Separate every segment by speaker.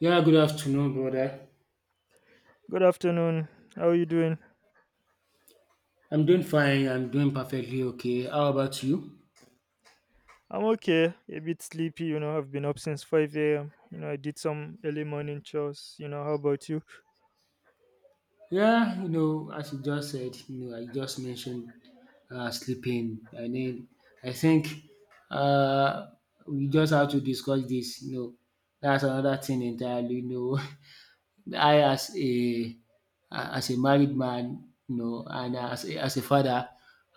Speaker 1: Yeah, good afternoon, brother.
Speaker 2: Good afternoon. How are you doing?
Speaker 1: I'm doing fine. I'm doing perfectly okay. How about you?
Speaker 2: I'm okay. A bit sleepy, you know. I've been up since 5 a.m. You know, I did some early morning chores. You know, how about you?
Speaker 1: Yeah, you know, as you just said, you know, I just mentioned sleeping. I mean, I think uh, we just have to discuss this. You know, that's another thing entirely. You know, I as a married man, you know, and as a father,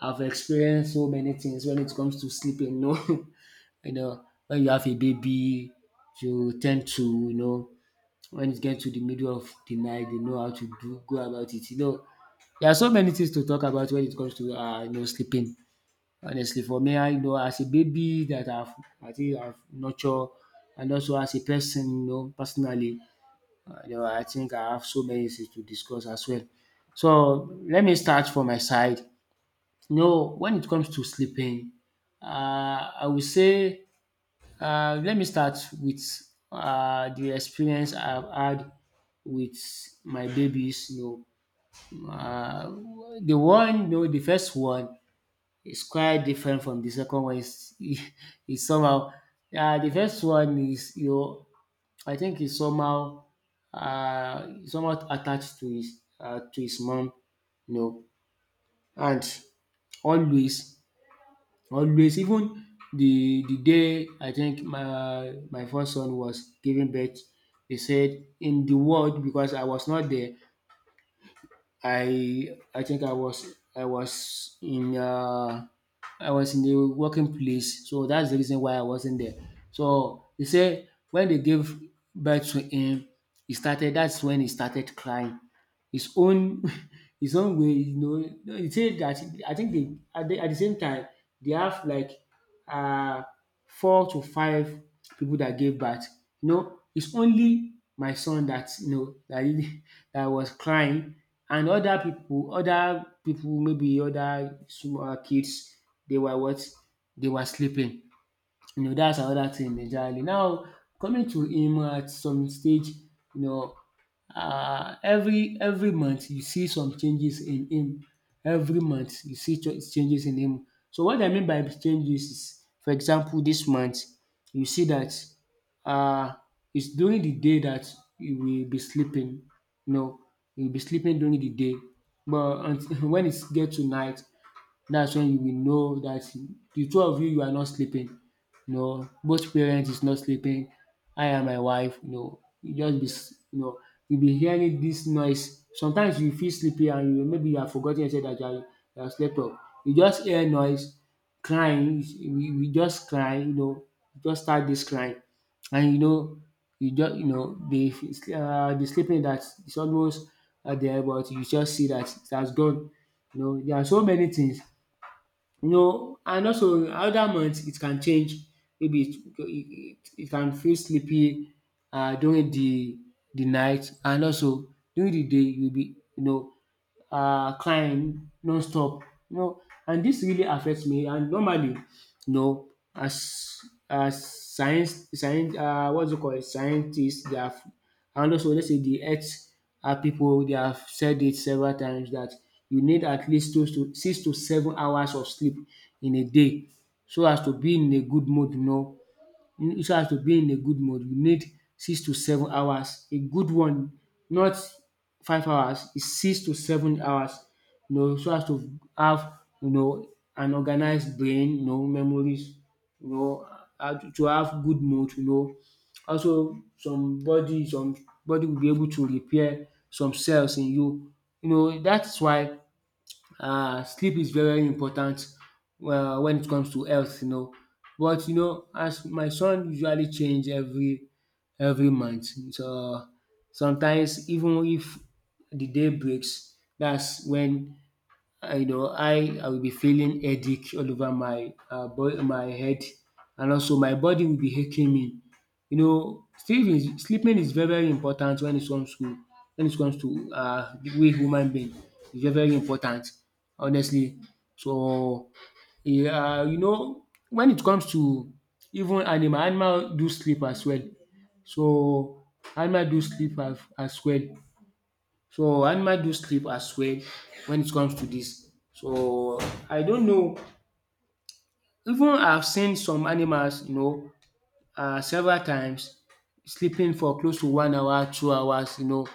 Speaker 1: I've experienced so many things when it comes to sleeping. You know, You know, when you have a baby, you tend to, you know, when it gets to the middle of the night, they know how to do go about it. You know, there are so many things to talk about when it comes to sleeping. Honestly, for me, I as a baby that I've I think I've nurtured, and also as a person, personally, I think I have so many things to discuss as well. So let me start from my side. You know, when it comes to sleeping, uh, I would say let me start with the experience I've had with my babies. You know, the one, you know, the first one is quite different from the second one. Is is somehow the first one is I think is somehow somewhat attached to his mom. You know, and always. Always even the day I think my first son was giving birth, they said in the world because I was not there. I think I was in uh I was in the working place, so that's the reason why I wasn't there. So they say when they gave birth to him, he started, that's when he started crying. His own his own way, you know. He said that I think they at the same time they have like uh, 4 to 5 people that gave birth. You know, it's only my son that you know that really dat was crying, and other people, maybe other small kids, they were what, they were sleeping. You know, that's another thing entirely. Now coming to him at some stage, you know, every month you see some changes in him. Every month you see changes in him. So what I mean by changes is, for example, this month you see that uh, it's during the day that you will be sleeping. You know, you'll be sleeping during the day, but until, when it's get to night, that's when you will know that the two of you you are not sleeping. You know, both parents is not sleeping. I and my wife, you know, you just be you know, you be hearing this noise. Sometimes you feel sleepy and you maybe you have forgotten yourself that you are you have slept off. You just hear noise, crying. You just cry, you know, you just start this crying, and you know you just you know the sleeping that is almost there, but you just see that it has gone. You know, there are so many things. No, and also other months it can change. Maybe it can feel sleepy during the night, and also during the day you'll be crying non-stop. You know, and this really affects me. And normally, you know, as science what's it called, scientists they have, and also let's say the earth people, they have said it several times that you need at least 2 to 6 to 7 hours of sleep in a day so as to be in a good mood, you know. So as to be in a good mood you need 6 to 7 hours a good one, not 5 hours, is 6 to 7 hours, you know, so as to have you know an organized brain, you know, memories, you know, and to have good mood, you know. Also some body, some body will be able to repair some cells in you, you know. That's why sleep is very very important when it comes to health, you know. But you know as my son usually change every month, so sometimes even if the day breaks, that's when I you know, I will be feeling headache all over my my head, and also my body will be aching me. You know, sleeping is very very important when it comes to, when it comes to we human being. It's very very important, honestly. So yeah, you know, when it comes to even animal, animal do sleep as well. So animal do sleep as well. So animal do sleep as well when it comes to this. So I don't know. Even I've seen some animals, you know, several times sleeping for close to 1 hour, 2 hours, you know,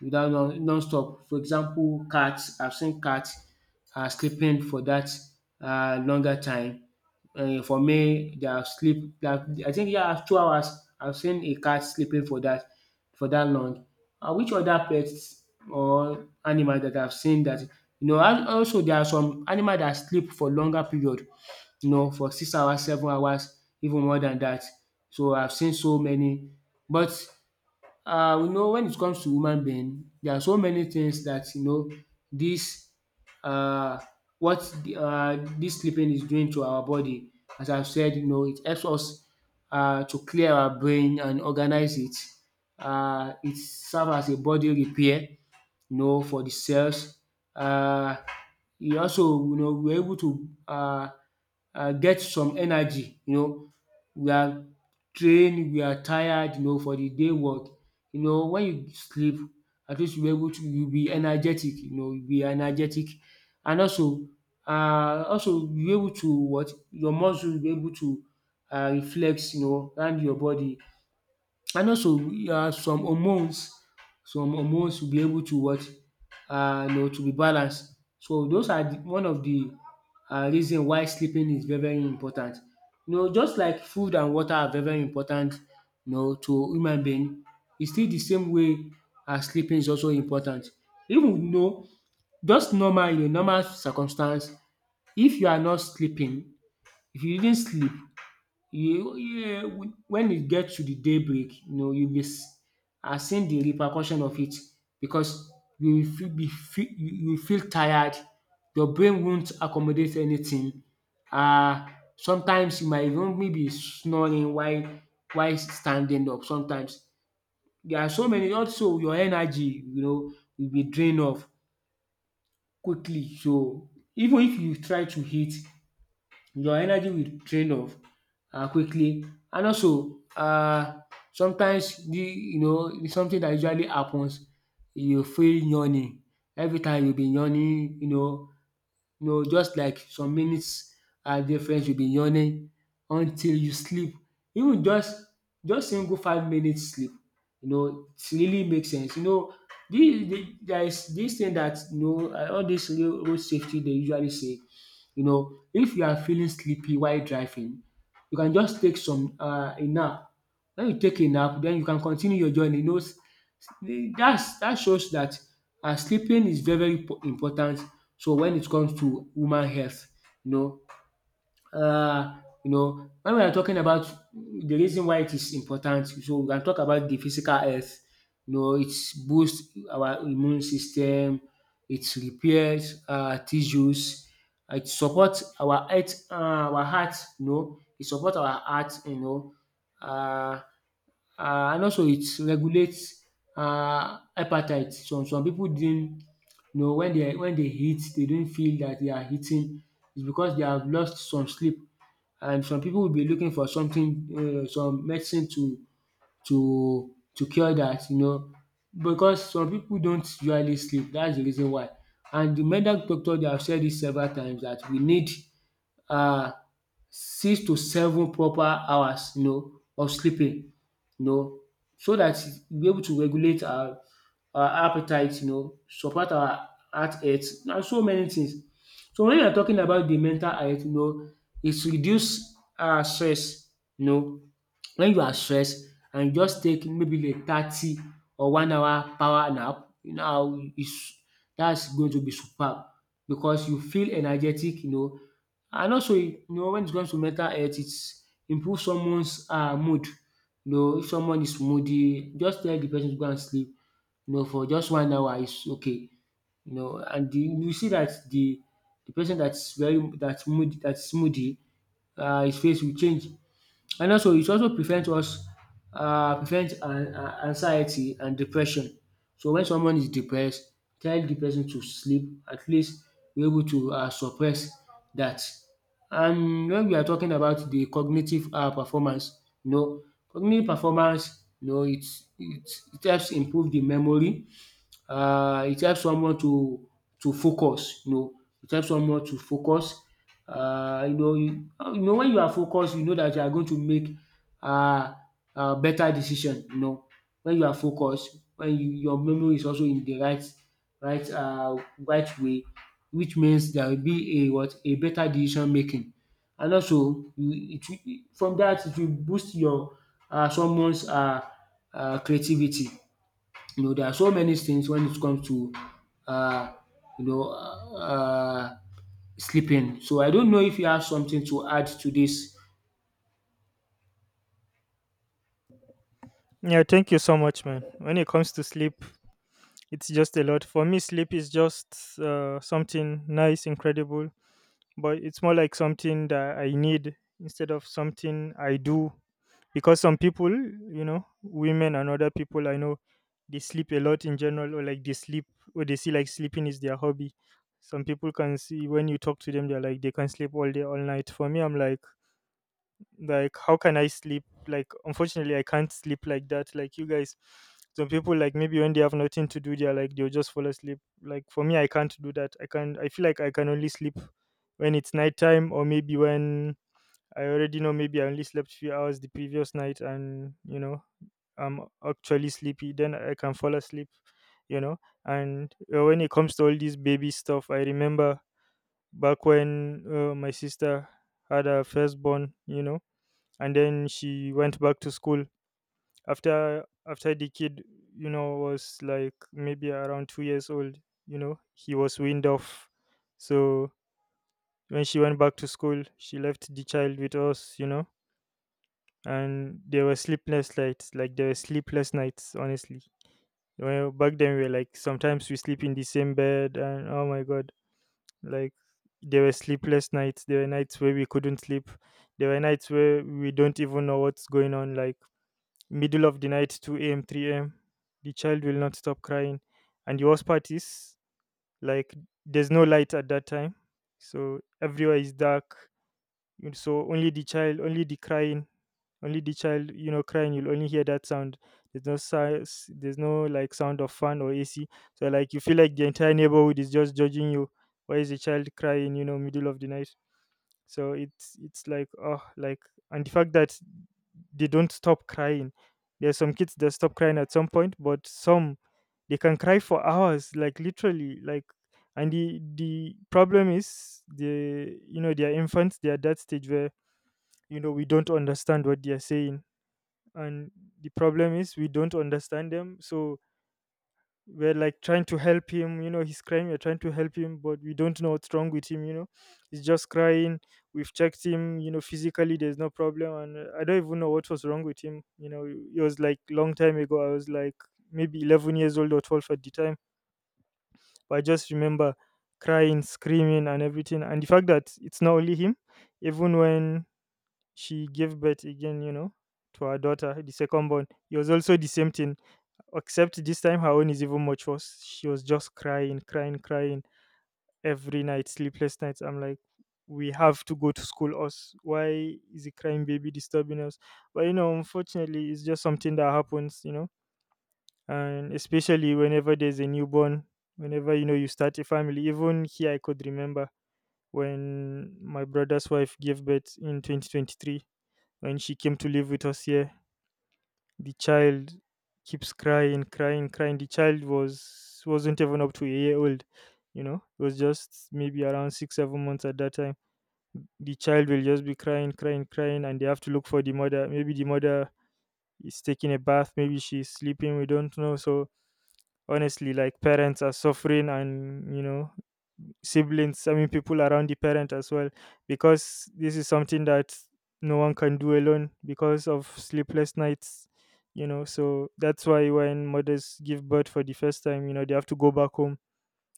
Speaker 1: without non-stop. For example cats, I've seen cats sleeping for that longer time. For me they have sleep their, I think, yeah, 2 hours. I've seen a cat sleeping for that, for that long. Which other pets or animal that I've seen that you know, and also there are some animal that sleep for longer period, you know, for 6 hours, 7 hours, even more than that. So I've seen so many. But you know when it comes to human being, there are so many things that you know this uh what the, this sleeping is doing to our body. As I've said, you know, it helps us to clear our brain and organize it. It serves as a body repair, you know, for the sales. Um e also you know we are able to get some energy, you know. We are trained, we are tired, you know, for the day work. You know, when you sleep, at least you are able to, you be energetic, you know, you be energetic. And also also you able to what, your muscle will be able to reflex you know round your body. And also some hormones, some hormones will be able to what, you know, to be balanced. So those are the one of the reason why sleeping is very very important. You know, just like food and water are very very important, you know, to human being, it's still the same way sleeping is also important. Even you know, just normal, in a normal circumstance, if you are not sleeping, if you didn't sleep, you, yeah, when it gets to the daybreak, you know, you'll be are seeing the repercussion of it, because you will feel, you will feel tired. Your brain won't accommodate anything. Uh Sometimes you might even maybe snoring while standing up. Sometimes there are so many. Also, your energy, you know, will be drained off quickly. So even if you try to hit, your energy will drain off quickly. And also sometimes the you know it's something that usually happens, you feel yawning, every time you be yawning, you know, you know, just like some minutes are difference you be yawning until you sleep. Even just single 5 minutes sleep, you know, it really makes sense. You know dis there is this thing that you know all this road safety they usually say, you know, if you are feeling sleepy while driving, you can just take some a nap. When you take a nap, then you can continue your journey. You know, that's, that shows that sleeping is very very important. So when it comes to human health, you know, uh, you know, when we are talking about the reason why it is important, so we can talk about the physical health. You know, it boosts our immune system, it repairs tissues, it supports our heart, our heart. You know, it supports our heart. You know, uh, um and also it regulates appetite. Some people didn't, you know, when they, when they eat, they don't feel that they are eating. It's because they have lost some sleep, and some people will be looking for something, some medicine to cure that, you know, because some people don't usually sleep, that's the reason why. And the medical doctor they have said this several times that we need um 6 to 7 proper hours, you know, of sleeping, you know, so that we able to regulate our appetite, you know, support our heart health and so many things. So when you are talking about the mental health, you know, it's reduce stress, you know. When you are stressed and just take maybe like 30 or 1 hour power nap, you know how is that's going to be superb because you feel energetic, you know. And also, you know, when it comes to mental health, it improves someone's mood. You know, if someone is moody, just tell the person to go and sleep. You know, for just 1 hour is okay. You know, you see that the person that's moody, his face will change. And also, it also prevents anxiety and depression. So when someone is depressed, tell the person to sleep. At least we're able to suppress that. And when we are talking about the cognitive performance, you know, cognitive performance, you know, it helps improve the memory. It helps someone to focus, you know, it helps someone to focus. You know you know, when you are focused, you know that you are going to make uh, a better decision, you know. When you are focused, when your memory is also in the right way, which means there will be a what a better decision making. And also it will, from that, it will boost your someone's creativity. You know, there are so many things when it comes to, uh, you know, uh, uh, sleeping. So I don't know if you have something to add to this.
Speaker 2: Yeah, thank you so much, man. When it comes to sleep, it's just a lot. For me, sleep is just something nice, incredible, but it's more like something that I need instead of something I do, because some people, you know, women and other people I know, they sleep a lot in general, or like they sleep, or they see like sleeping is their hobby. Some people can see, when you talk to them, they're like they can sleep all day, all night. For me, I'm like, how can I sleep? Like, unfortunately, I can't sleep like that, like you guys. Some people, like, maybe when they have nothing to do, they're like, they'll just fall asleep. Like, for me, I can't do that. I can not. I feel like I can only sleep when it's nighttime, or maybe when I already know maybe I only slept few hours the previous night, and, you know, I'm actually sleepy, then I can fall asleep, you know. And when it comes to all this baby stuff, I remember back when my sister had her firstborn, you know, and then she went back to school after the kid, you know, was like maybe around 2 years old, you know. He was weaned off. So when she went back to school, she left the child with us, you know. And there were sleepless nights, like, there were sleepless nights, honestly. Well, back then we were like, sometimes we sleep in the same bed, and, oh my god, like, there were sleepless nights. There were nights where we couldn't sleep. There were nights where we don't even know what's going on. Like, middle of the night, 2 a.m., 3 a.m., the child will not stop crying. And the worst part is, like, there's no light at that time, so everywhere is dark. So only the child, only the crying, only the child, you know, crying, you'll only hear that sound. There's no size, there's no like sound of fan or ac. So like, you feel like the entire neighborhood is just judging you. Why is a child crying, you know, middle of the night? So it's like, oh, like, and the fact that they don't stop crying. There's some kids that stop crying at some point, but some, they can cry for hours, like, literally. Like, and the problem is, the, you know, they are infants, they are at that stage where, you know, we don't understand what they are saying. And the problem is we don't understand them. So we're like trying to help him, you know, he's crying, we're trying to help him, but we don't know what's wrong with him, you know, he's just crying. We've checked him, you know, physically there's no problem. And I don't even know what was wrong with him, you know. It was like long time ago. I was like maybe 11 years old or 12 at the time. But I just remember crying, screaming, and everything. And the fact that it's not only him, even when she gave birth again, you know, to her daughter, the second born, it was also the same thing, except this time her own is even much worse. She was just crying, crying, crying every night, sleepless nights. I'm like, we have to go to school, us. Why is a crying baby disturbing us? But, you know, unfortunately, it's just something that happens, you know, and especially whenever there's a newborn, whenever, you know, you start a family. Even here, I could remember when my brother's wife gave birth in 2023, when she came to live with us here, the child keeps crying, crying, crying. The child was, wasn't even up to a year old, you know. It was just maybe around six, 7 months at that time. The child will just be crying, crying, crying, and they have to look for the mother. Maybe the mother is taking a bath, maybe she's sleeping. We don't know. So honestly, like, parents are suffering, and, you know, siblings, I mean, people around the parent as well, because this is something that no one can do alone because of sleepless nights, you know. So that's why when mothers give birth for the first time, you know, they have to go back home,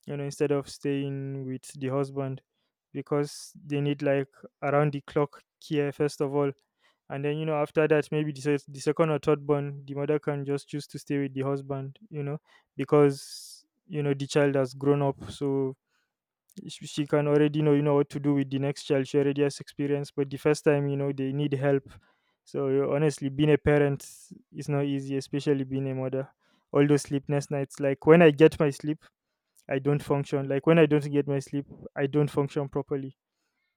Speaker 2: you know, instead of staying with the husband, because they need like around the clock care, first of all. And then, you know, after that, maybe the, the second or third born, the mother can just choose to stay with the husband, you know. Because, you know, the child has grown up. So she can already know, you know, what to do with the next child. She already has experience. But the first time, you know, they need help. So yeah, honestly, being a parent is not easy, especially being a mother. All those sleepless nights. Like, when I get my sleep, I don't function. Like, when I don't get my sleep, I don't function properly,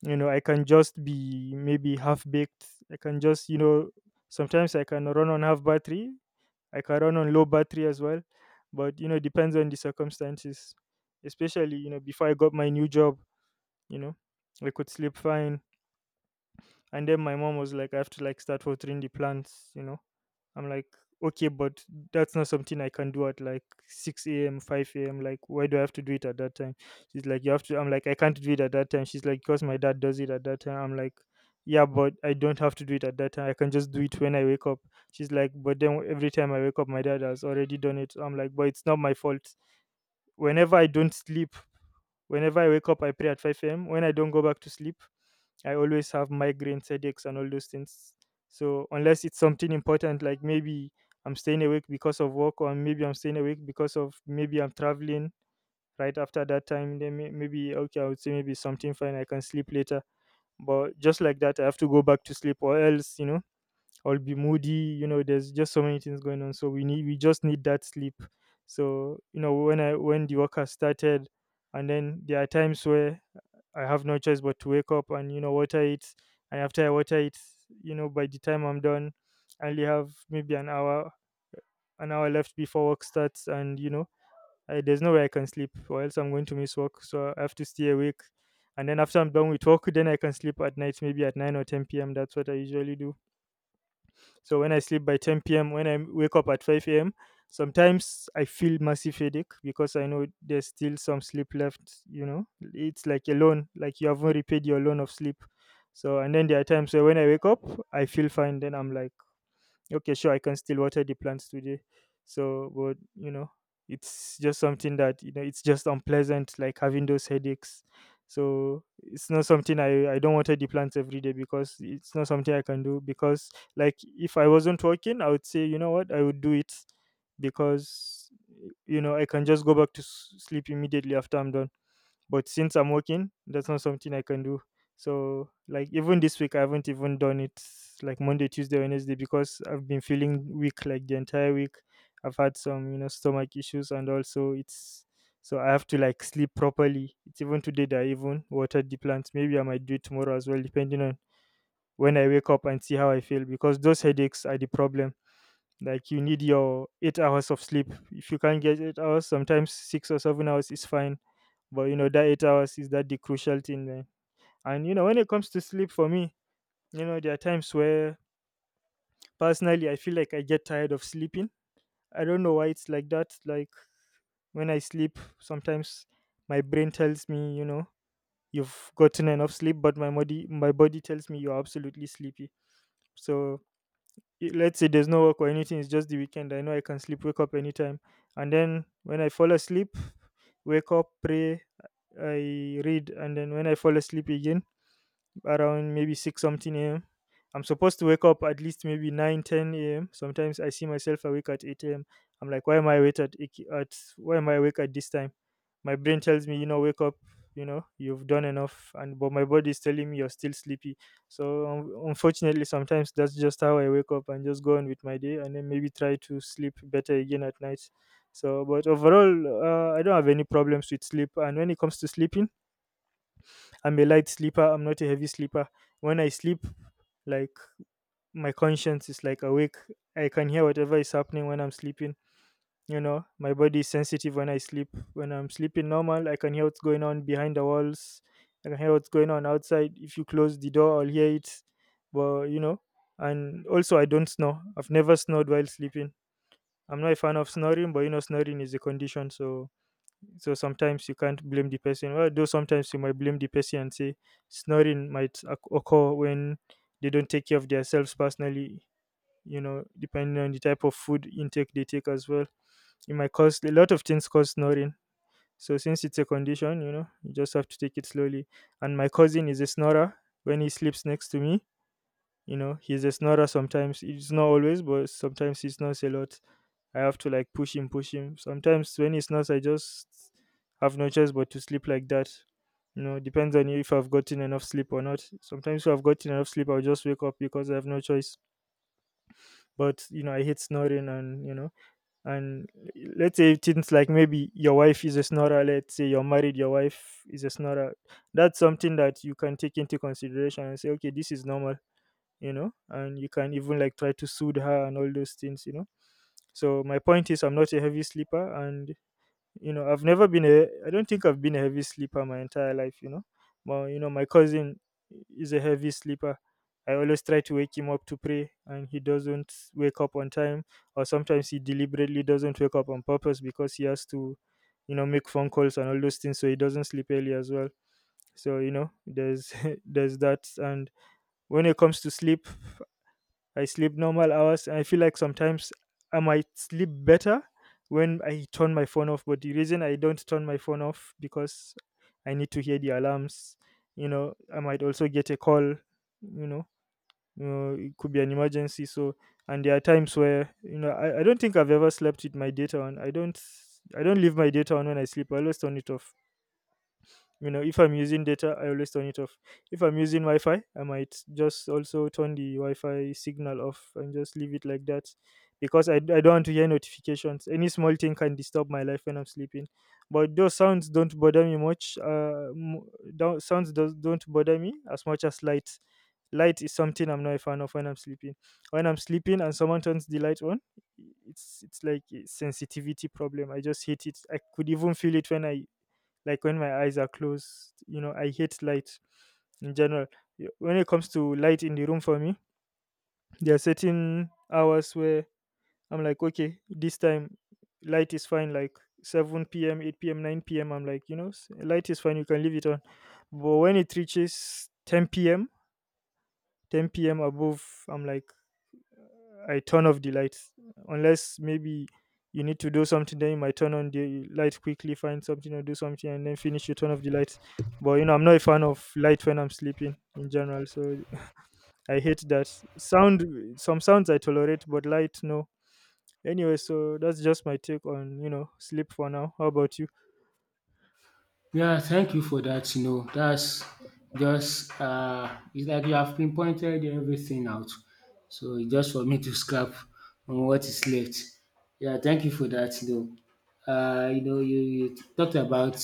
Speaker 2: you know. I can just be maybe half baked. I can just, you know, sometimes I can run on half battery. I can run on low battery as well. But you know, depends on the circumstances. Especially, you know, before I got my new job, you know, I could sleep fine. And then my mom was like, I have to like start watering the plants, you know. I'm like, okay, but that's not something I can do at like 6 a.m., 5 a.m. Like, why do I have to do it at that time? She's like, you have to. I'm like, I can't do it at that time. She's like, because my dad does it at that time. I'm like, yeah, but I don't have to do it at that time. I can just do it when I wake up. She's like, but then every time I wake up, my dad has already done it. I'm like, but it's not my fault. Whenever I don't sleep, whenever I wake up, I pray at 5 a.m., when I don't go back to sleep, I always have migraines, headaches, and all those things. So unless it's something important, like maybe I'm staying awake because of work, or maybe I'm staying awake because of maybe I'm traveling right after that time, then maybe, okay, I would say maybe something fine, I can sleep later. But just like that, I have to go back to sleep, or else, you know, I'll be moody. You know, there's just so many things going on. So we need, we just need that sleep. So, you know, when the work has started, and then there are times where I have no choice but to wake up and, you know, water it. And after I water it, you know, by the time I'm done, I only have maybe an hour left before work starts, and, you know, I, there's no way I can sleep, or else I'm going to miss work. So I have to stay awake. And then after I'm done with work, then I can sleep at night, maybe at 9 or 10 p.m. That's what I usually do. So when I sleep by 10 p.m., when I wake up at 5 a.m., sometimes I feel massive headache because I know there's still some sleep left. You know, it's like a loan, like you haven't repaid your loan of sleep. So, and then there are times where when I wake up, I feel fine. Then I'm like, okay, sure, I can still water the plants today. So, but you know, it's just something that, you know, it's just unpleasant, like having those headaches. So it's not something I don't water the plants every day, because it's not something I can do, because like if I wasn't working, I would say, you know what, I would do it. Because, you know, I can just go back to sleep immediately after I'm done. But since I'm working, that's not something I can do. So like even this week I haven't even done it, like Monday, Tuesday, Wednesday, because I've been feeling weak, like the entire week. I've had some, you know, stomach issues, and also it's, so I have to like sleep properly. It's even today that I even watered the plants. Maybe I might do it tomorrow as well, depending on when I wake up and see how I feel, because those headaches are the problem. Like, you need your 8 hours of sleep. If you can't get 8 hours, sometimes 6 or 7 hours is fine. But you know, that 8 hours is that the crucial thing, man. And you know, when it comes to sleep for me, you know, there are times where personally I feel like I get tired of sleeping. I don't know why it's like that. Like when I sleep, sometimes my brain tells me, you know, you've gotten enough sleep, but my body tells me you're absolutely sleepy. So let's say there's no work or anything, it's just the weekend. I know I can sleep, wake up anytime. And then when I fall asleep, wake up, pray, I read, and then when I fall asleep again, around maybe 6 something a.m. I'm supposed to wake up at least maybe 9-10 a.m. Sometimes I see myself awake at 8 a.m. I'm like, why am I awake at why am I awake at this time? My brain tells me, you know, wake up, you know, you've done enough, and but my body is telling me you're still sleepy. So un unfortunately, sometimes that's just how I wake up and just go on with my day, and then maybe try to sleep better again at night. So, but overall, I don't have any problems with sleep. And when it comes to sleeping, I'm a light sleeper. I'm not a heavy sleeper. When I sleep, like my conscience is like awake. I can hear whatever is happening when I'm sleeping. You know, my body is sensitive when I sleep. When I'm sleeping normal, I can hear what's going on behind the walls. I can hear what's going on outside. If you close the door, I'll hear it. But you know, and also I don't snore. I've never snored while sleeping. I'm not a fan of snoring, but you know, snoring is a condition, so so sometimes you can't blame the person. Well, though sometimes you might blame the person and say snoring might occur when they don't take care of themselves personally, you know, depending on the type of food intake they take as well. It might cause a lot of things cause snoring. So since it's a condition, you know, you just have to take it slowly. And my cousin is a snorer. When he sleeps next to me, you know, he's a snorer sometimes. It's not always, but sometimes he snores a lot. I have to like push him. Sometimes when he snores, I just have no choice but to sleep like that. You know, depends on if I've gotten enough sleep or not. Sometimes if I've gotten enough sleep, I'll just wake up because I have no choice. But you know, I hate snoring, and you know, and let's say things like maybe your wife is a snorer. Let's say you're married, your wife is a snorer. That's something that you can take into consideration and say, okay, this is normal, you know, and you can even like try to soothe her and all those things, you know. So my point is I'm not a heavy sleeper, and you know, I've never been a I don't think I've been a heavy sleeper my entire life, you know. My cousin is a heavy sleeper. I always try to wake him up to pray and he doesn't wake up on time, or sometimes he deliberately doesn't wake up on purpose because he has to, you know, make phone calls and all those things, so he doesn't sleep early as well. So you know, there's there's that. And when it comes to sleep, I sleep normal hours. I feel like sometimes I might sleep better when I turn my phone off. But the reason I don't turn my phone off because I need to hear the alarms. You know, I might also get a call. You know, it could be an emergency. So, and there are times where you know I don't think I've ever slept with my data on. I don't. I don't leave my data on when I sleep. I always turn it off. You know, if I'm using data, I always turn it off. If I'm using Wi-Fi, I might just also turn the Wi-Fi signal off and just leave it like that, because I don't want to hear notifications. Any small thing can disturb my life when I'm sleeping, but those sounds don't bother me much. M- don't, don't bother me as much as light. Light is something I'm not a fan of when I'm sleeping. When I'm sleeping and someone turns the light on, it's like a sensitivity problem, I just hate it. I could even feel it when I like when my eyes are closed. You know, I hate light in general. When it comes to light in the room for me, there are certain hours where I'm like, okay, this time light is fine, like 7 p.m., 8 p.m., 9 p.m. I'm like, you know, light is fine, you can leave it on. But when it reaches 10 p.m., 10 p.m. above, I'm like, I turn off the lights, unless maybe you need to do something. Then you might turn on the light quickly, find something or do something, and then finish. You turn off the lights. But you know, I'm not a fan of light when I'm sleeping in general. So I hate that sound. Some sounds I tolerate, but light no. Anyway, so that's just my take on you know sleep for now. How about you?
Speaker 1: Yeah, thank you for that. You know, that's just it's like you have pinpointed everything out. So it's just for me to scrap on what is left. Yeah, thank you for that. You know, you talked about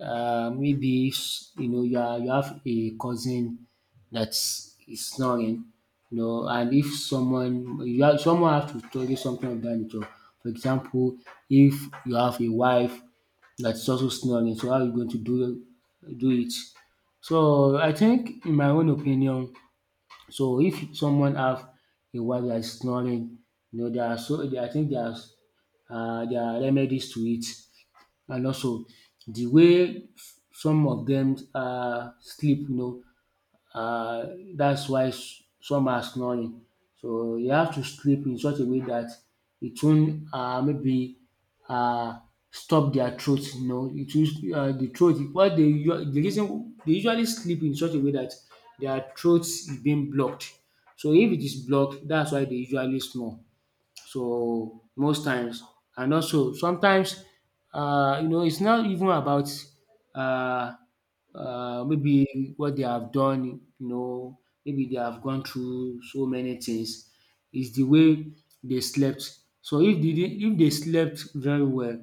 Speaker 1: you know, you have a cousin that is snoring, you know. And if someone have to tell you something of that nature. For example, if you have a wife that's also snoring, so how are you going to do it? So I think, in my own opinion, so if someone have a wife that is snoring, you know there are so there, I think there's there are remedies to it. And also the way some of them sleep, you know, uh, that's why some are snoring. So you have to sleep in such a way that it won't maybe uh, stop their throat. You know, it will, the throat. The reason they usually sleep in such a way that their throat is being blocked. So if it is blocked, that's why they usually snore. So most times, and also sometimes, you know, it's not even about uh, maybe what they have done. You know, maybe they have gone through so many things. It's the way they slept. So if they slept very well,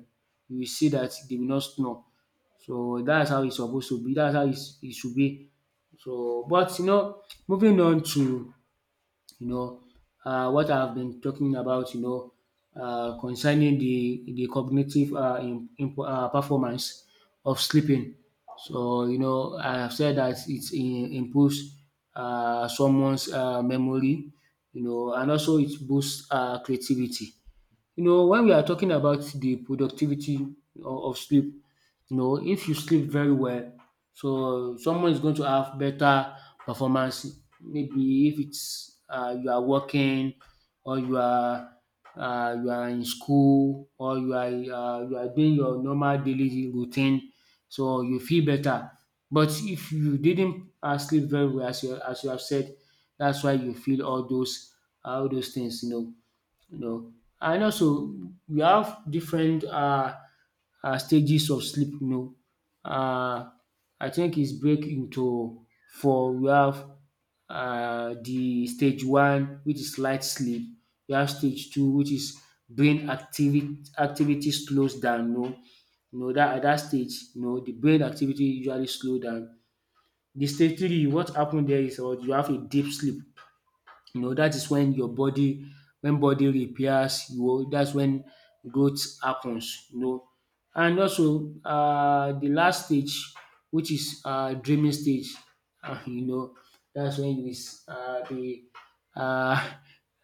Speaker 1: you will see that they will not snore. So that's how it's supposed to be. That's how it should be. So, but you know, moving on to, you know, what I've been talking about, you know, concerning the cognitive performance of sleeping. So you know, I have said that it improves someone's memory, you know, and also it boosts creativity. You know, when we are talking about the productivity of sleep, you know, if you sleep very well, so someone is going to have better performance. Maybe if it's you are working or you are in school or you are doing your normal daily routine, so you feel better. But if you didn't sleep very well, as you have said, that's why you feel all those things. You know, you know. And also we have different stages of sleep, you know. um I think is break into four. We have the stage one, which is light sleep, we have stage two, which is brain activity slows down. No, know. You know dat at that stage, you know, the brain activity usually slow down. The stage three, what happen there is what you have a deep sleep, you know, that is when your body repairs, you know, that's when growth happens, you know. And also the last stage, which is dreaming stage, you know, that's when you be um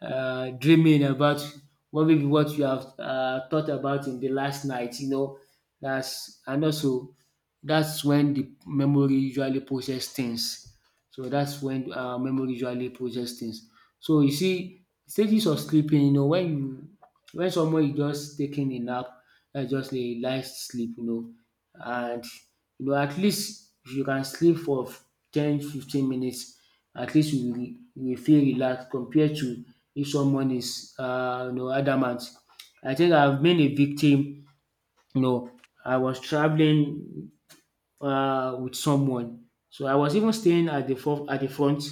Speaker 1: dreaming about what you have thought about in the last night, you know. That's. And also that's when the memory usually process things. So that's when memory usually process things. So you see stages of sleeping, you know. When you when someone is just taking a nap, that's just a light sleep, you know. And you know, at least if you can sleep for 10, 15 minutes, at least you will feel relaxed compared to if someone is you know adamant. I think I've been a victim, you know. I was traveling with someone. So I was even staying at at the front.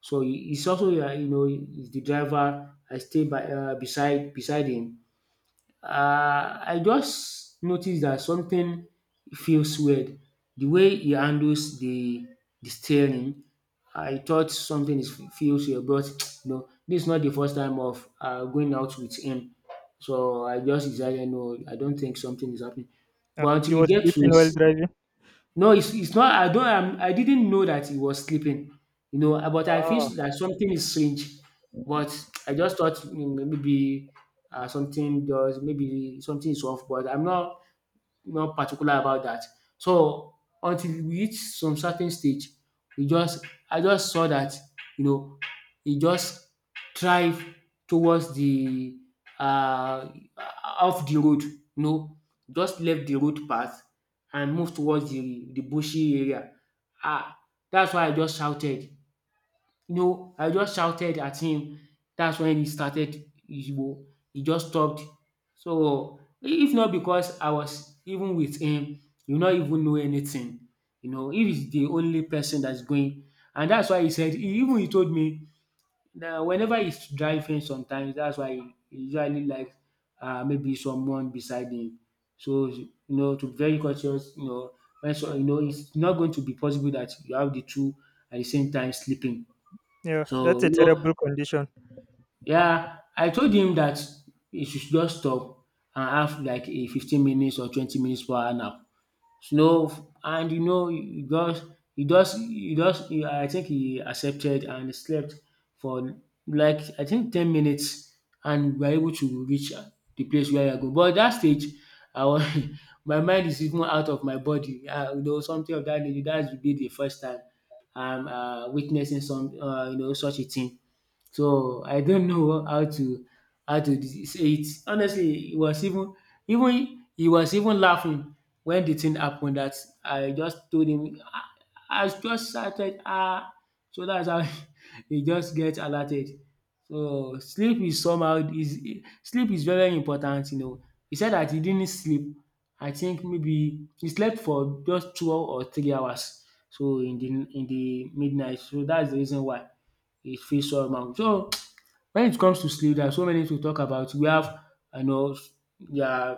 Speaker 1: So he's also, you know, he's the driver. I stay by, beside him. I just noticed that something feels weird. The way he handles the steering, I thought something is feels weird, but you know, this is not the first time of going out with him. So I just decided no, I don't think something is happening.
Speaker 2: Ah,
Speaker 1: But
Speaker 2: he
Speaker 1: until we
Speaker 2: was
Speaker 1: get to
Speaker 2: sleeping while
Speaker 1: his,
Speaker 2: driving.
Speaker 1: no, it's not I don't I'm I didn't know that he was sleeping, you know, but I feel
Speaker 2: Ah,
Speaker 1: that something is strange. But I just thought mm, maybe something does maybe something is off, but I'm not particular about dat. So until we reach some certain stage, we just I just saw dat, you know, e just thrive towards the um off the road, you know, just left the road path and move towards the bushy area. um Dats why I just shouted. You know, I just shouted at him. That's when he started, he, wa- he just stopped. So, if not because I was even with him, you not even know anything. You know, he is the only person that's going. And that's why he said, even he told me that whenever he's driving sometimes, that's why he usually likes maybe someone beside him. So, you know, to be very cautious, you know, when so, you know, it's not going to be possible that you have the two at the same time sleeping.
Speaker 2: yeah, that's
Speaker 1: So,
Speaker 2: a
Speaker 1: you know,
Speaker 2: terrible condition.
Speaker 1: yeah, I told him that he should just stop and have like a 15 minutes or 20 minutes per hour nap. Snow, and you know he just he just he just he I think he accepted and slept for, like, I think 10 minutes, and we were able to reach the place where we are going. But at that stage I was my mind is even out of my body, you know, something of that nature. That would be the first time I'm witnessing some you know such a thing. So I don't know how to say it. Honestly, he was even even he was even laughing when the thing happened, that I just told him I just started ah, so that's how he just get alerted. So sleep is very important, you know. He said that he didn't sleep, I think maybe he slept for just 2 or 3 hours, so in the midnight, so that's the reason why it feels so somehow. So when it comes to sleep, there are so many to talk about. We have, you know, yeah,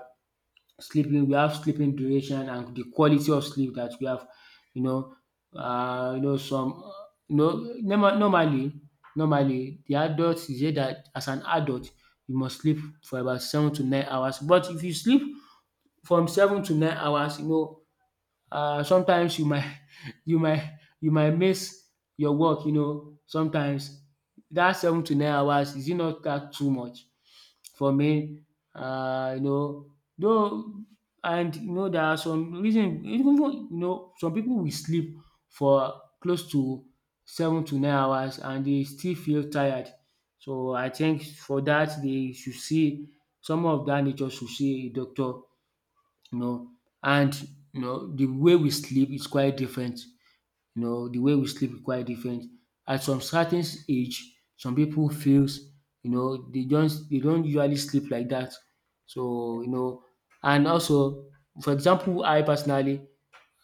Speaker 1: sleeping, we have sleeping duration and the quality of sleep that we have. You know, you know some, you know, normal normally normally the adult is said dat as an adult you must sleep for about 7 to 9 hours. But if you sleep from 7 to 9 hours, you know, sometimes you might you might miss your work, you know, sometimes. That 7 to 9 hours, is it not dat too much? For me, you know, though, and you know, there are some reason, even though, you know, some people will sleep for close to 7 to 9 hours and they still feel tired. So I think for that they should see some of dat nature, should see a doctor, you know. And you know, the way we sleep is quite different. You know the way we sleep is quite different. At some certain age, some people feels, you know, they don't usually sleep like that. So you know, and also, for example, I personally,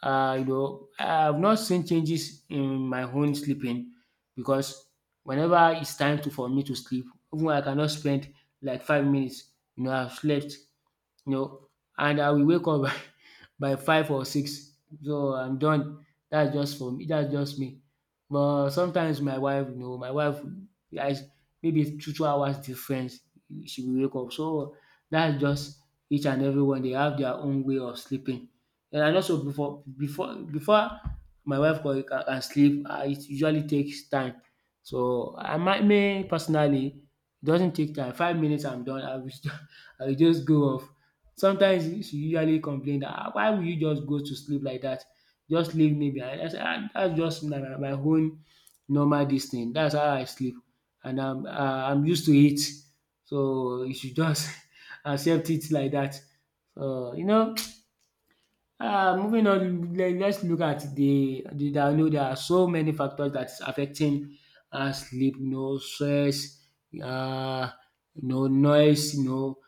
Speaker 1: I have not seen changes in my own sleeping because whenever it's time to for me to sleep, even I cannot spend like 5 minutes. I've slept, you know, and I will wake up by five or six. So I'm done. That's just for me. That's just me. But sometimes my wife, my wife, I maybe two hours difference, she will wake up. So that's just each and everyone. They have their own way of sleeping. And I also before my wife can, can sleep, it usually takes time. So I might me personally, it doesn't take time. 5 minutes, I'm done. I will, I will just go off. Sometimes she usually complain that, ah, why will you just go to sleep like that? Just leave me behind. I say, ah, dats just my own normal dis thing. That's how I sleep, and I'm I'm used to it. So you should just accept it like that. So you know Moving on, let's look at the, I know there are so many factors that's affecting sleep, you know, stress, uh, noise, you know.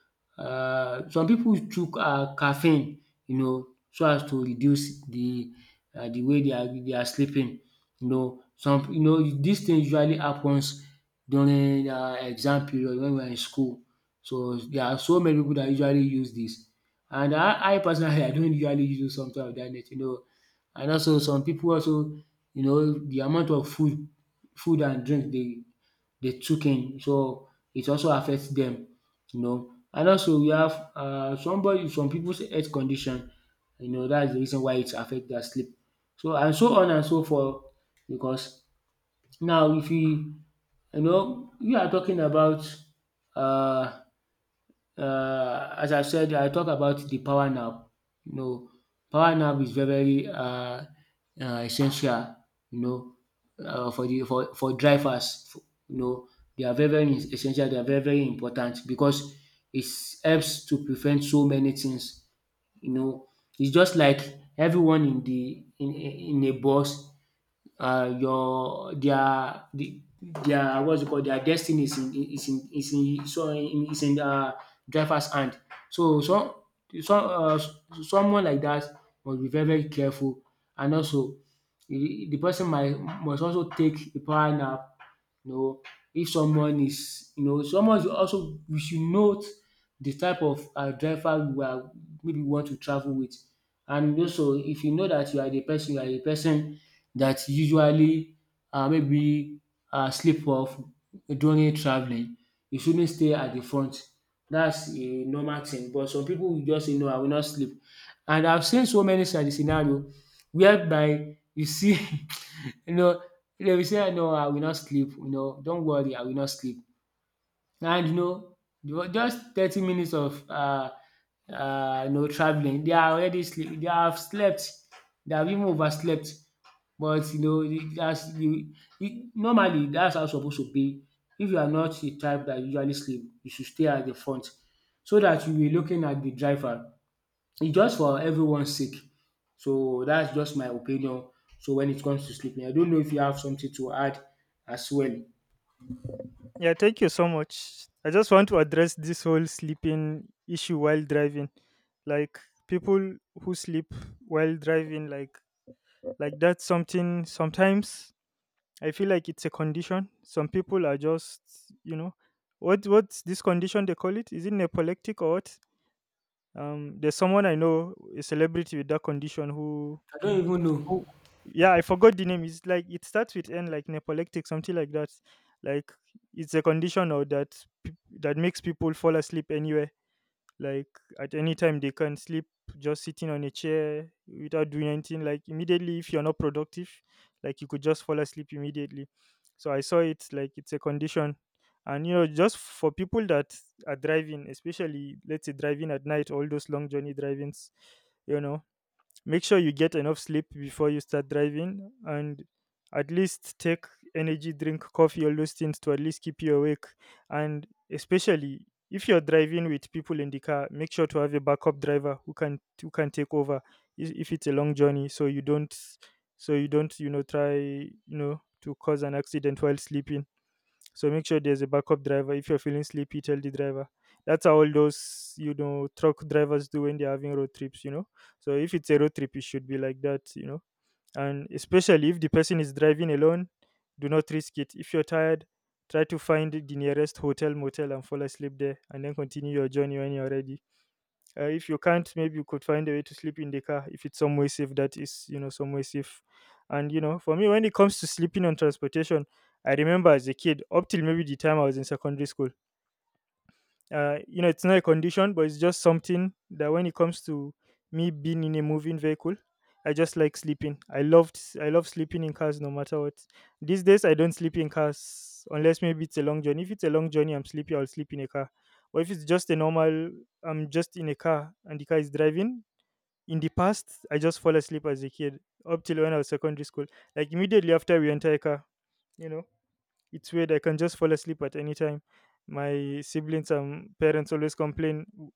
Speaker 1: Some people took caffeine, you know, so as to reduce the way they are sleeping. Some, you know, this thing usually happens during exam period when we are in school. So there are so many people that usually use this. And I personally I don't usually use something of that nature, you know. And also some people also, the amount of food and drink they took in, so it also affects them, you know. And also we have some people's health condition, you know, that's the reason why it affects their sleep. So and so on and so forth because now if we, you know, we are talking about uh as I said, I talk about the power nap. You know, power nap is very essential. You know, for for drivers, you know, they are very very essential. They are very very important because it helps to prevent so many things. You know, it's just like everyone in the in a bus, uh, your their the, their, what's it called, their destiny is in is in is in so in is in, driver's hand. So some, someone like that must be very very careful, and also the person might must also take a power nap, you know. If someone is, you know, someone is also, we should note the type of driver we are maybe we want to travel with. And also if you know that you are a person that usually, maybe sleep off during travelling, you shouldn't stay at the front. That's a normal thing, but some people will just say, no, I will not sleep. And I've seen so many scenario whereby you see you know, if dem say, sey, "No, I will not sleep," you know, "Don't worry, I will not sleep," and you know, just 30 minutes of you know travelling, they are already sleep they have slept, they have even overslept. But you know, as you normally, that's how e suppose to be. If you are not the type that usually sleep, you should stay at the front so that you will be looking at the driver. It's just for everyone's sake. So that's just my opinion. So when it comes to sleeping, I don't know if you have something to add as well.
Speaker 2: Yeah, thank you so much. I just want to address this whole sleeping issue while driving. Like people who sleep while driving, like that's something sometimes I feel like it's a condition. Some people are just you know, what what's this condition they call it? Is it narcoleptic or what? Um, there's someone I know, a celebrity with that condition who
Speaker 1: I don't even know.
Speaker 2: Oh, yeah, I forgot the name. It's like it starts with N, like nepolectic, something like that. Like it's a condition or that that makes people fall asleep anywhere. Like at any time they can sleep, just sitting on a chair without doing anything. Like immediately, if you're not productive, like you could just fall asleep immediately. So I saw it like it's a condition, and you know, just for people that are driving, especially let's say driving at night, all those long journey drivings, you know, make sure you get enough sleep before you start driving, and at least take energy drink, coffee, all those things to at least keep you awake. And especially if you're driving with people in the car, make sure to have a backup driver who can take over if it's a long journey, so you don't you know try you know to cause an accident while sleeping. So make sure there's a backup driver. If you're feeling sleepy, tell the driver. That's how all those you know truck drivers do when they're having road trips. You know, so if it's a road trip, it should be like that. You know, and especially if the person is driving alone, do not risk it. If you're tired, try to find the nearest hotel, motel, and fall asleep there, and then continue your journey when you're ready. If you can't, maybe you could find a way to sleep in the car if it's somewhere safe. That is, you know, somewhere safe. And you know, for me, when it comes to sleeping on transportation, I remember as a kid, up till maybe the time I was in secondary school, you know, it's not a condition, but it's just something that when it comes to me being in a moving vehicle, I just like sleeping. I love sleeping in cars no matter what. These days, I don't sleep in cars unless maybe it's a long journey. If it's a long journey, I'm sleepy, I'll sleep in a car. But if it's just a normal, I'm just in a car and the car is driving. In the past, I just fall asleep as a kid up till when I was secondary school. Like immediately after we enter a car, you know. It's weird. I can just fall asleep at any time. My siblings and parents always complain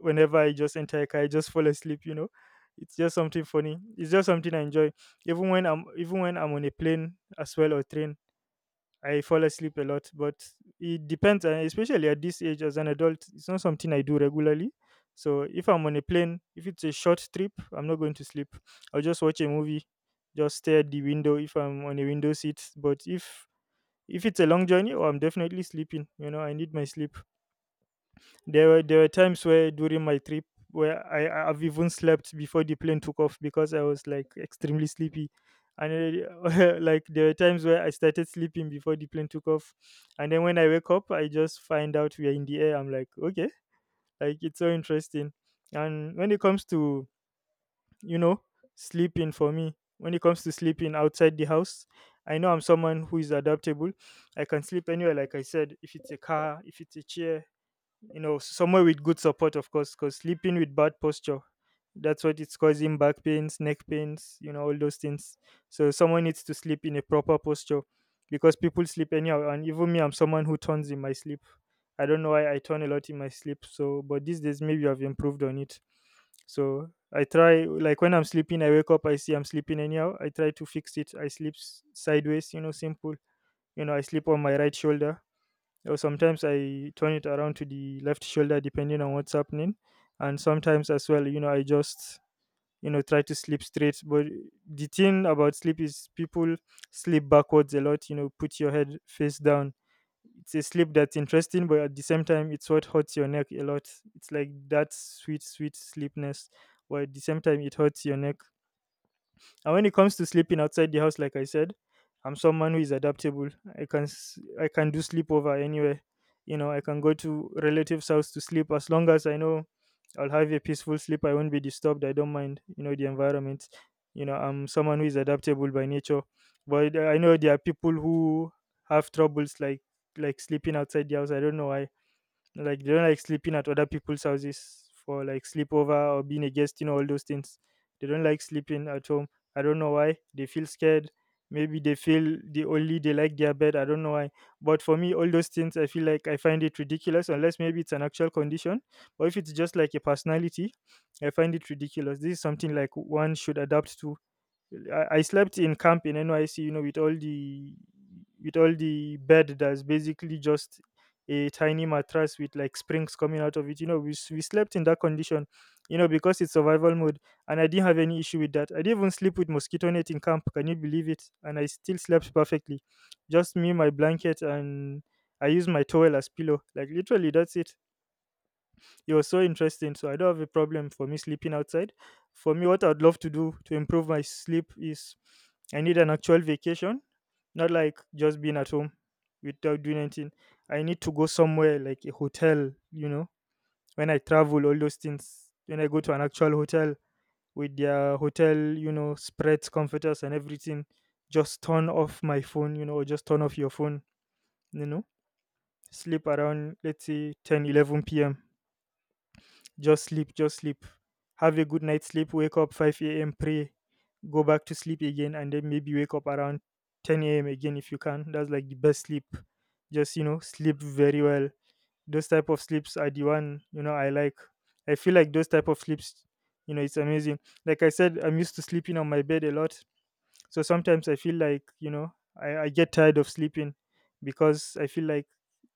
Speaker 2: whenever I just enter a car. I just fall asleep. You know, it's just something funny. It's just something I enjoy. Even when I'm on a plane as well or train, I fall asleep a lot. But it depends, especially at this age as an adult. It's not something I do regularly. So if I'm on a plane, if it's a short trip, I'm not going to sleep. I'll just watch a movie, just stare at the window if I'm on a window seat. But if it's a long journey, oh, I'm definitely sleeping. You know, I need my sleep. There were times where during my trip where I've even slept before the plane took off because I was like extremely sleepy. And like there were times where I started sleeping before the plane took off, and then when I wake up, I just find out we are in the air. I'm like, okay, like it's so interesting. And when it comes to you know sleeping, for me, when it comes to sleeping outside the house, I know I'm someone who is adaptable. I can sleep anywhere. Like I said, if it's a car, if it's a chair, you know, somewhere with good support, of course, because sleeping with bad posture, that's what it's causing: back pains, neck pains, you know, all those things. So someone needs to sleep in a proper posture, because people sleep anyhow. And even me, I'm someone who turns in my sleep. I don't know why I turn a lot in my sleep. So but these days maybe I've improved on it. So I try, like when I'm sleeping, I wake up, I see I'm sleeping anyhow. I try to fix it. I sleep sideways, you know, simple. You know, I sleep on my right shoulder. Or sometimes I turn it around to the left shoulder depending on what's happening. And sometimes as well, you know, I just try to sleep straight. But the thing about sleep is people sleep backwards a lot, you know, put your head face down. It's a sleep that's interesting, but at the same time, it's what hurts your neck a lot. It's like that sweet, sweet sleepness, but at the same time, it hurts your neck. And when it comes to sleeping outside the house, like I said, I'm someone who is adaptable. I can do sleepover anywhere. You know, I can go to relatives' house to sleep as long as I know I'll have a peaceful sleep. I won't be disturbed. I don't mind, you know, the environment. You know, I'm someone who is adaptable by nature. But I know there are people who have troubles like sleeping outside the house. I don't know why. Like they don't like sleeping at other people's houses for like sleepover or being a guest, you know, all those things. They don't like sleeping at home. I don't know why. They feel scared. Maybe they feel they only they like their bed. I don't know why. But for me, all those things, I feel like I find it ridiculous, unless maybe it's an actual condition. Or if it's just like a personality, I find it ridiculous. This is something like one should adapt to. I slept in camp in NYC, you know, with all the bed that's basically just a tiny mattress with like springs coming out of it. You know, we slept in that condition, you know, because it's survival mode, and I didn't have any issue with that. I didn't even sleep with mosquito net in camp. Can you believe it? And I still slept perfectly, just me, my blanket, and I used my towel as pillow. Like literally, that's it. It was so interesting. So I don't have a problem for me sleeping outside. For me, what I'd love to do to improve my sleep is I need an actual vacation, not like just being at home without doing anything. I need to go somewhere like a hotel, you know, when I travel, all those things. When I go to an actual hotel with their hotel, you know, spreads, comforters, and everything, just turn off my phone, you know, or just turn off your phone, you know, sleep around, let's say, 10, 11 p.m. Just sleep, just sleep. Have a good night's sleep, wake up 5 a.m., pray, go back to sleep again, and then maybe wake up around 10 a.m. again if you can. That's like the best sleep. Just, you know, sleep very well. Those type of sleeps are the one, you know, I like. I feel like those type of sleeps, you know, it's amazing. Like I said, I'm used to sleeping on my bed a lot. So sometimes I feel like, you know, I get tired of sleeping because I feel like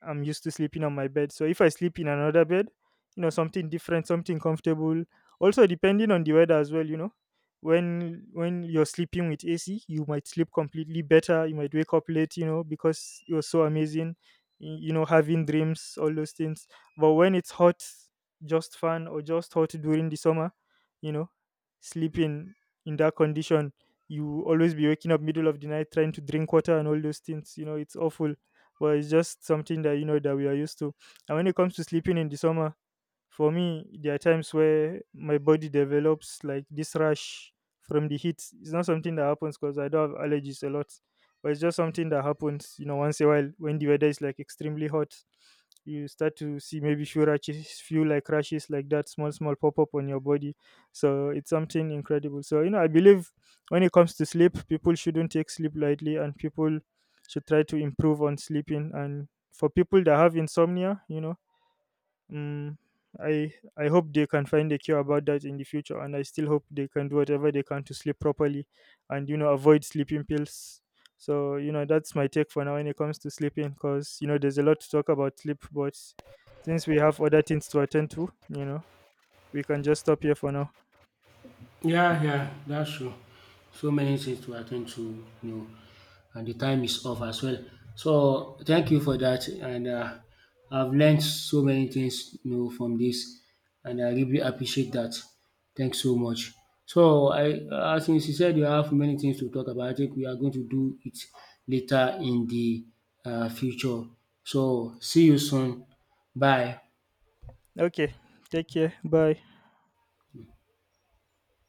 Speaker 2: I'm used to sleeping on my bed. So if I sleep in another bed, you know, something different, something comfortable. Also depending on the weather as well, you know. When you're sleeping with AC, you might sleep completely better. You might wake up late, you know, because it was so amazing, you know, having dreams, all those things. But when it's hot, just fun or just hot during the summer, you know, sleeping in that condition, you always be waking up middle of the night trying to drink water and all those things, you know, it's awful. But it's just something that, you know, that we are used to. And when it comes to sleeping in the summer, for me, there are times where my body develops like this rash from the heat. It's not something that happens because I don't have allergies a lot, but it's just something that happens, you know, once in a while when the weather is like extremely hot. You start to see maybe few rashes, few like rashes like that, small, small, pop up on your body. So it's something incredible. So, you know, I believe when it comes to sleep, people shouldn't take sleep lightly, and people should try to improve on sleeping. And for people that have insomnia, you know, Mm, I hope they can find a cure about that in the future, and I still hope they can do whatever they can to sleep properly, and you know avoid sleeping pills. So you know that's my take for now when it comes to sleeping, because you know there's a lot to talk about sleep, but since we have other things to attend to, you know we can just stop here for now.
Speaker 1: Yeah, yeah, that's true. So many things to attend to, you know, and the time is off as well. So thank you for that, and I've learned so many things, you know, from this, and I really appreciate that. Thanks so much. So I, since you said you have many things to talk about, I think we are going to do it later in the future. So see you soon. Bye.
Speaker 2: Okay, take care, bye.